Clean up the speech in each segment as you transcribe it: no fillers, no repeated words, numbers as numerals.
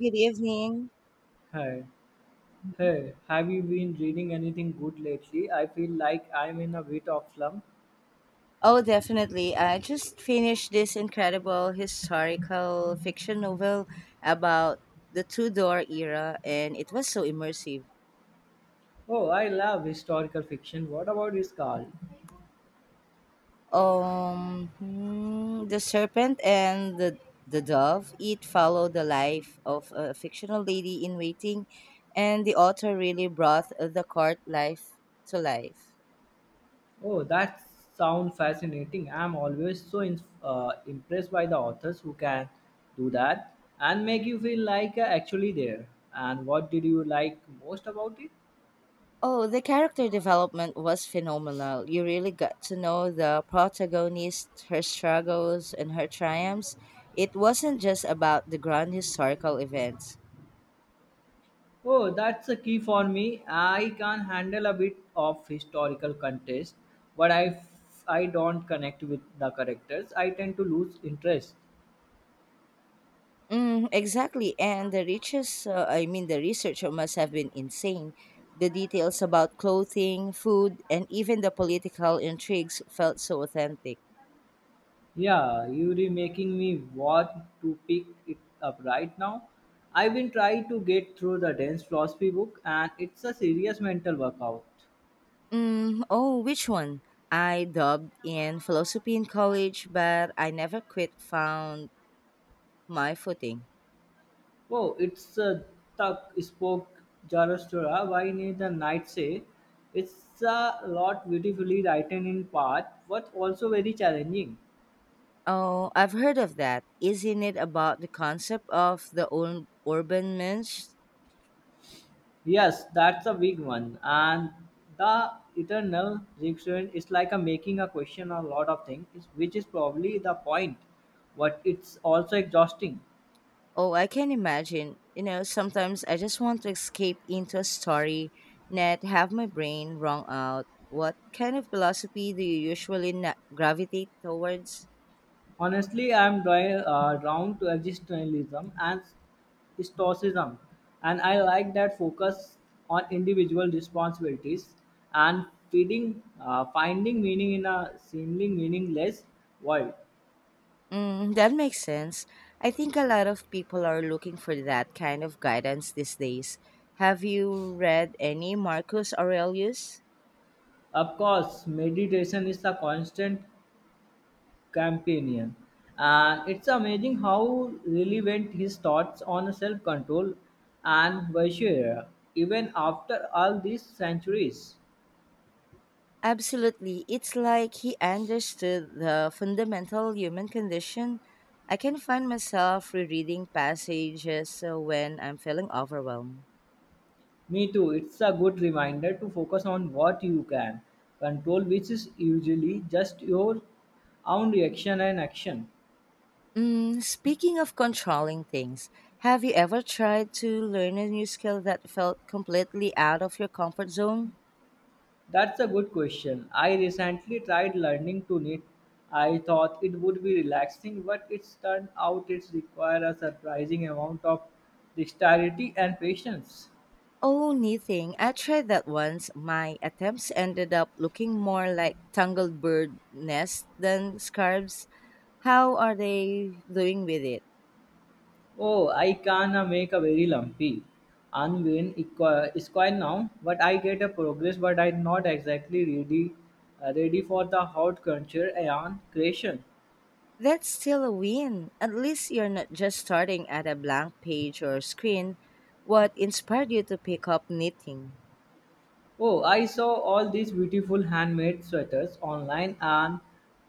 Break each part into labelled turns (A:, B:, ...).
A: Good evening.
B: Hey, hey, have you been reading anything good lately? I feel like I'm in a bit of slump.
A: Oh, definitely. I just finished this incredible historical fiction novel about the Tudor era, and it was so immersive.
B: Oh, I love historical fiction. What about this, Carl?
A: The serpent and the dove. It followed the life of a fictional lady in waiting, and the author really brought the court life to life.
B: Oh, that sounds fascinating. I'm always so impressed by the authors who can do that and make you feel like actually there. And what did you like most about it?
A: Oh, the character development was phenomenal. You really got to know the protagonist, her struggles, and her triumphs. It wasn't just about the grand historical events.
B: Oh, that's the key for me. I can handle a bit of historical context, but I don't connect with the characters. I tend to lose interest.
A: Mm, exactly, and the riches, I mean, the researcher must have been insane. The details about clothing, food, and even the political intrigues felt so authentic.
B: Yeah, you're making me want to pick it up right now. I've been trying to get through the dense philosophy book, and it's a serious mental workout.
A: Mm, oh, which one? I dubbed in philosophy in college, but I never quit found my footing.
B: Oh, it's a Tuck spoke Zarathustra. Why need the night say? It's a lot beautifully written in part, but also very challenging.
A: Oh, I've heard of that. Isn't it about the concept of the urban myth?
B: Yes, that's a big one. And the eternal reaction is like a making a question on a lot of which is probably the point. But it's also exhausting.
A: Oh, I can imagine. You know, sometimes I just want to escape into a story, not have my brain wrung out. What kind of philosophy do you usually gravitate towards?
B: Honestly, I am drawn to existentialism and stoicism, and I like that focus on individual responsibilities and finding meaning in a seemingly meaningless world.
A: Mm, that makes sense. I think a lot of people are looking for that kind of guidance these days. Have you read any Marcus Aurelius?
B: Of course, meditation is a constant companion, and it's amazing how relevant his thoughts on self-control and virtue are, even after all these centuries.
A: Absolutely. It's like he understood the fundamental human condition. I can find myself rereading passages when I'm feeling overwhelmed.
B: Me too, it's a good reminder to focus on what you can control, which is usually just your own reaction and action.
A: Mm, speaking of controlling things, have you ever tried to learn a new skill that felt completely out of your comfort zone?
B: That's a good question. I recently tried learning to knit. I thought it would be relaxing, but it's turned out it's require a surprising amount of dexterity and patience.
A: Oh, knitting. I tried that once. My attempts ended up looking more like tangled bird nests than scarves. How are they doing with it?
B: Oh, I can make a very lumpy and square now, but I get a progress, but I'm not exactly ready ready for the hot culture and creation.
A: That's still a win. At least you're not just starting at a blank page or screen. What inspired you to pick up knitting?
B: Oh, I saw all these beautiful handmade sweaters online and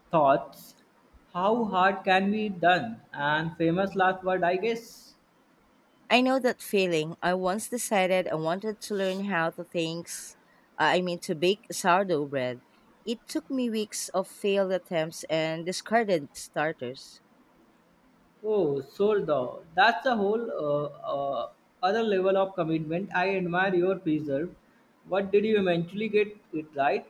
B: thoughts how hard can be done and famous last word I guess.
A: I know that feeling. I once decided I wanted to learn how to things, I mean to bake sourdough bread. It took me weeks of failed attempts and discarded starters.
B: Oh, Sordo, that's a whole other level of commitment. I admire your preserve. What did you eventually get it right?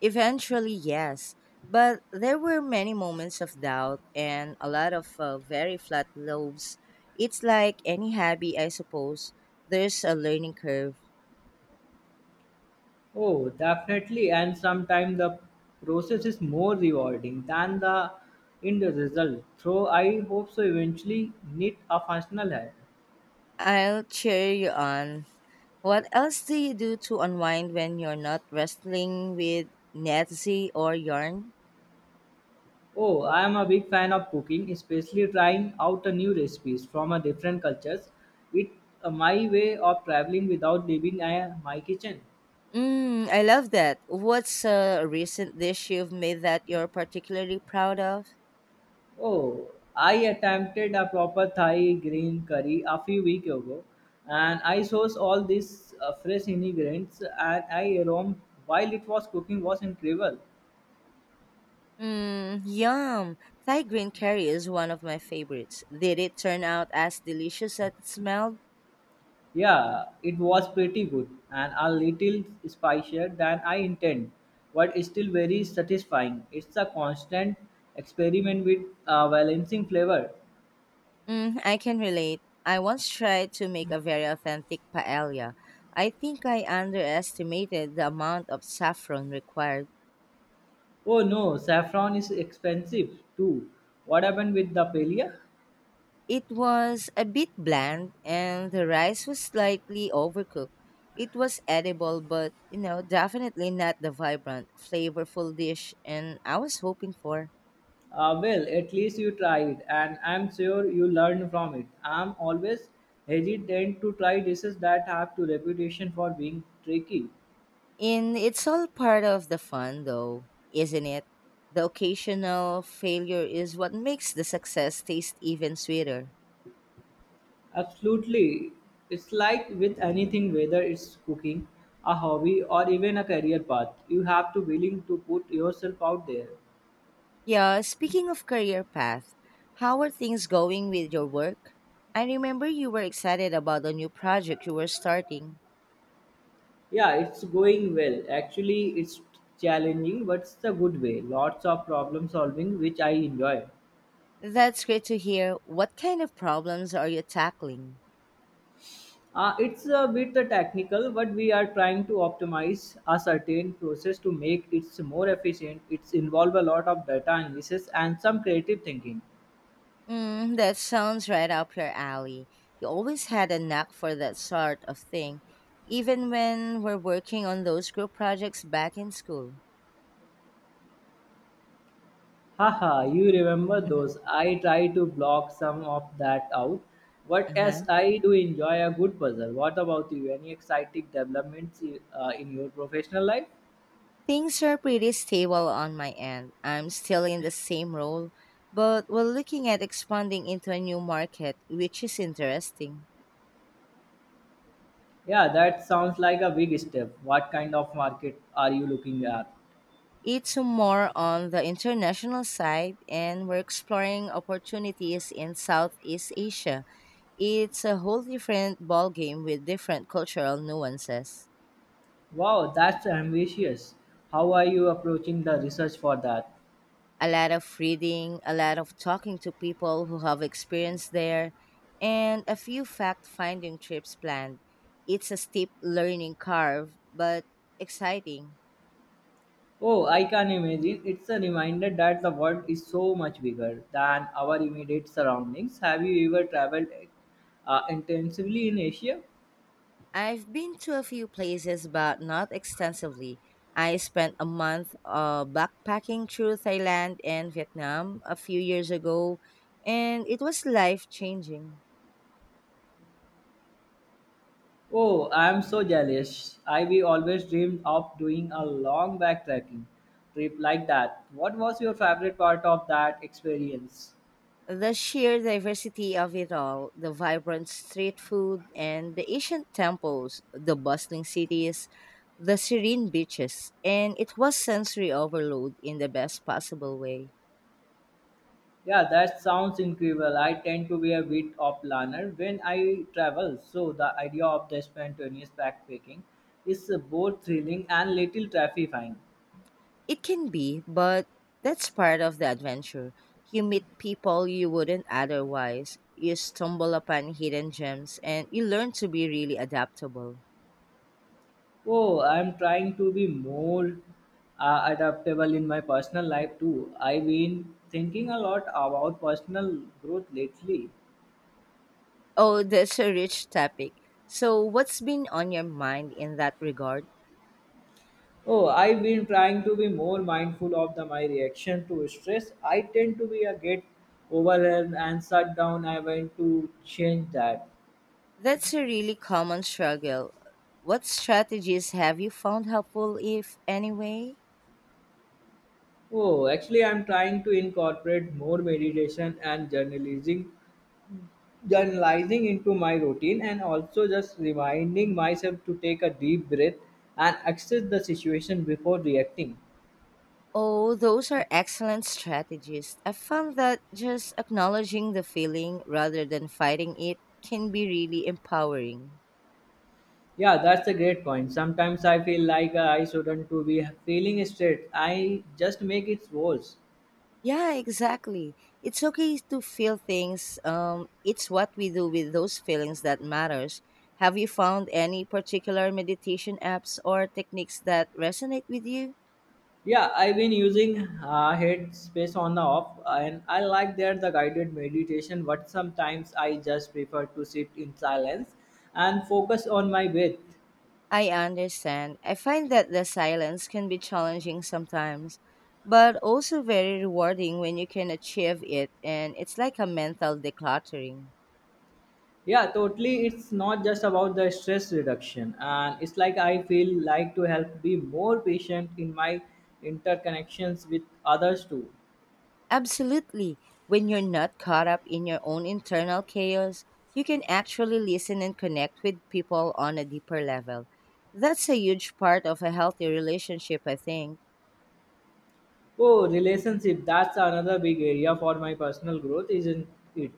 A: Eventually, yes. But there were many moments of doubt and a lot of very flat lobes. It's like any hobby, I suppose. There's a learning curve.
B: Oh, definitely. And sometimes the process is more rewarding than the end result. So I hope so. Eventually, knit a functional hat.
A: I'll cheer you on. What else do you do to unwind when you're not wrestling with Netsy or yarn?
B: Oh, I am a big fan of cooking, especially trying out a new recipes from a different cultures. It's my way of traveling without leaving my kitchen.
A: Mm, I love that. What's a recent dish you've made that you're particularly proud of?
B: Oh, I attempted a proper Thai green curry a few weeks ago, and I sourced all these fresh ingredients, and I aroma while it was cooking was incredible.
A: Mmm, yum! Thai green curry is one of my favorites. Did it turn out as delicious as it smelled?
B: Yeah, it was pretty good and a little spicier than I intend, but it's still very satisfying. It's a constant experiment with balancing flavor.
A: Mm, I can relate. I once tried to make a very authentic paella. I think I underestimated the amount of saffron required.
B: Oh no, saffron is expensive too. What happened with the paella?
A: It was a bit bland and the rice was slightly overcooked. It was edible, but you know, definitely not the vibrant, flavorful dish and I was hoping for.
B: Well, at least you tried, and I'm sure you learned from it. I'm always hesitant to try dishes that have to reputation for being tricky.
A: And it's all part of the fun, though, isn't it? The occasional failure is what makes the success taste even sweeter.
B: Absolutely, it's like with anything, whether it's cooking, a hobby, or even a career path, you have to willing to put yourself out there.
A: Yeah, speaking of career path, how are things going with your work? I remember you were excited about a new project you were starting.
B: Yeah, it's going well. Actually, it's challenging, but it's a good way. Lots of problem solving, which I enjoy.
A: That's great to hear. What kind of problems are you tackling?
B: It's a bit technical, but we are trying to optimize a certain process to make it more efficient. It's involve a lot of data analysis and some creative thinking.
A: Mm, that sounds right up your alley. You always had a knack for that sort of thing, even when we're working on those group projects back in school.
B: Haha, you remember
A: Mhm.
B: those. I try to block some of that out. But as
A: Uh-huh.
B: I do enjoy a good puzzle, what about you? Any exciting developments in your professional life?
A: Things are pretty stable on my end. I'm still in the same role, but we're looking at expanding into a new market, which is interesting.
B: Yeah, that sounds like a big step. What kind of market are you looking at?
A: It's more on the international side, and we're exploring opportunities in Southeast Asia. It's a whole different ballgame with different cultural nuances.
B: Wow, that's ambitious. How are you approaching the research for that?
A: A lot of reading, a lot of talking to people who have experience there, and a few fact finding trips planned. It's a steep learning curve, but exciting.
B: Oh, I can imagine. It's a reminder that the world is so much bigger than our immediate surroundings. Have you ever traveled intensively in Asia?
A: I've been to a few places, but not extensively. I spent a month backpacking through Thailand and Vietnam a few years ago, and it was life changing.
B: Oh, I am so jealous. I we always dreamed of doing a long backpacking trip like that. What was your favorite part of that experience?
A: The sheer diversity of it all the vibrant street food and the ancient temples, the bustling cities, the serene beaches, and it was sensory overload in the best possible way.
B: Yeah, that sounds incredible. I tend to be a bit of planner when I travel, so the idea of the spontaneous backpacking is both thrilling and little terrifying.
A: It can be, but that's part of the adventure. You meet people you wouldn't otherwise. You stumble upon hidden gems and you learn to be really adaptable.
B: Oh, I'm trying to be more adaptable in my personal life too. I've been thinking a lot about personal growth lately.
A: Oh, that's a rich topic. So, what's been on your mind in that regard?
B: Oh, I've been trying to be more mindful of my reaction to stress. I tend to be a get overwhelmed and shut down. I want to change that.
A: That's a really common struggle. What strategies have you found helpful, if any way?
B: Oh, actually, I'm trying to incorporate more meditation and journalizing into my routine, and also just reminding myself to take a deep breath and assess the situation before reacting.
A: Oh, those are excellent strategies. I found that just acknowledging the feeling rather than fighting it can be really empowering.
B: Yeah, that's a great point. Sometimes I feel like I shouldn't to be feeling stressed. I just make it worse.
A: Yeah, exactly. It's okay to feel things. It's what we do with those feelings that matters. Have you found any particular meditation apps or techniques that resonate with you?
B: Yeah, I've been using Headspace on the off, and I like that the guided meditation. But sometimes I just prefer to sit in silence and focus on my breath.
A: I understand. I find that the silence can be challenging sometimes, but also very rewarding when you can achieve it, and it's like a mental decluttering.
B: Yeah, totally. It's not just about the stress reduction, and it's like I feel like to help be more patient in my interconnections with others too.
A: Absolutely. When you're not caught up in your own internal chaos, you can actually listen and connect with people on a deeper level. That's a huge part of a healthy relationship, I think.
B: Oh, relationship. That's another big area for my personal growth, isn't it?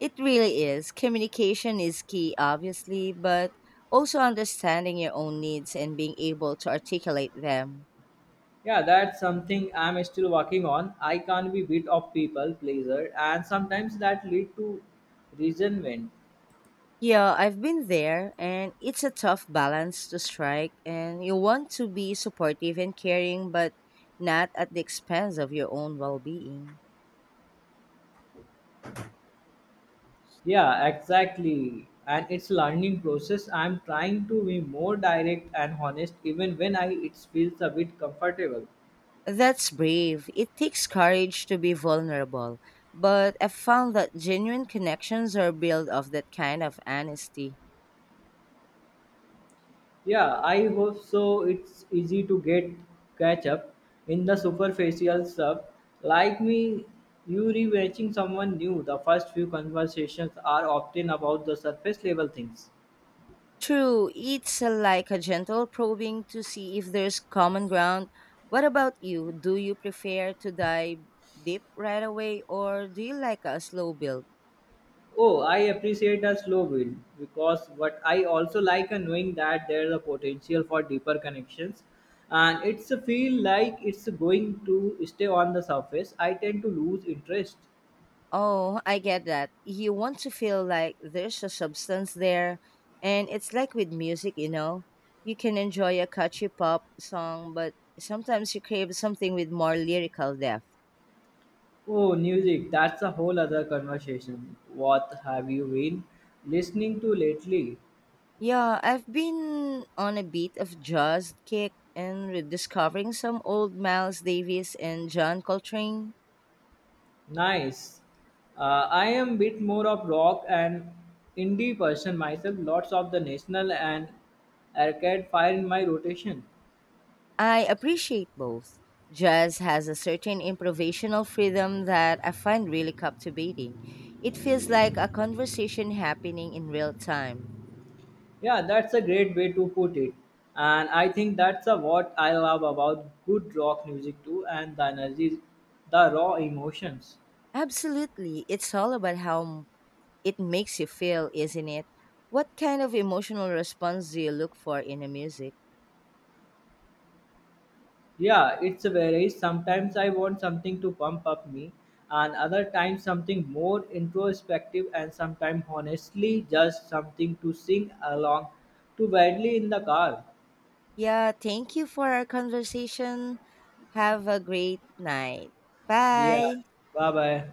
A: It really is. Communication is key, obviously, but also understanding your own needs and being able to articulate them.
B: Yeah, that's something I'm still working on. I can not be bit of people pleaser, and sometimes that lead to resentment.
A: Yeah, I've been there, and it's a tough balance to strike, and you want to be supportive and caring, but not at the expense of your own well being.
B: Yeah, exactly. And it's learning process. I'm trying to be more direct and honest, even when I it feels a bit comfortable.
A: That's brave. It takes courage to be vulnerable, but I've found that genuine connections are built of that kind of honesty.
B: Yeah, I hope so. It's easy to get catch up in the superficial stuff. Like me, you reaching someone new. The first few conversations are often about the surface level things.
A: True, it's like a gentle probing to see if there's common ground. What about you? Do you prefer to dive deep right away or do you like a slow build?
B: Oh, I appreciate a slow build because what I also like and knowing that there's a potential for deeper connections and it's a feel like it's going to stay on the surface. I tend to lose interest.
A: Oh, I get that. You want to feel like there's a substance there. And it's like with music, you know. You can enjoy a catchy pop song, but sometimes you crave something with more lyrical depth.
B: Oh, music, that's a whole other conversation. What have you been listening to lately?
A: Yeah, I've been on a bit of jazz kick and rediscovering some old Miles Davis and John Coltrane.
B: Nice. I am a bit more of rock and indie person myself. Lots of the national and arcade fire in my rotation.
A: I appreciate both. Jazz has a certain improvisational freedom that I find really captivating. It feels like a conversation happening in real time.
B: Yeah, that's a great way to put it. And I think what I love about good rock music too, and the energy, the raw emotions.
A: Absolutely, it's all about how it makes you feel, isn't it? What kind of emotional response do you look for in a music?
B: Yeah, it's varies. Sometimes I want something to pump up me, and other times something more introspective, and sometimes honestly just something to sing along to badly in the car.
A: Yeah, thank you for our conversation. Have a great night.
B: Yeah,
A: Bye.
B: bye bye.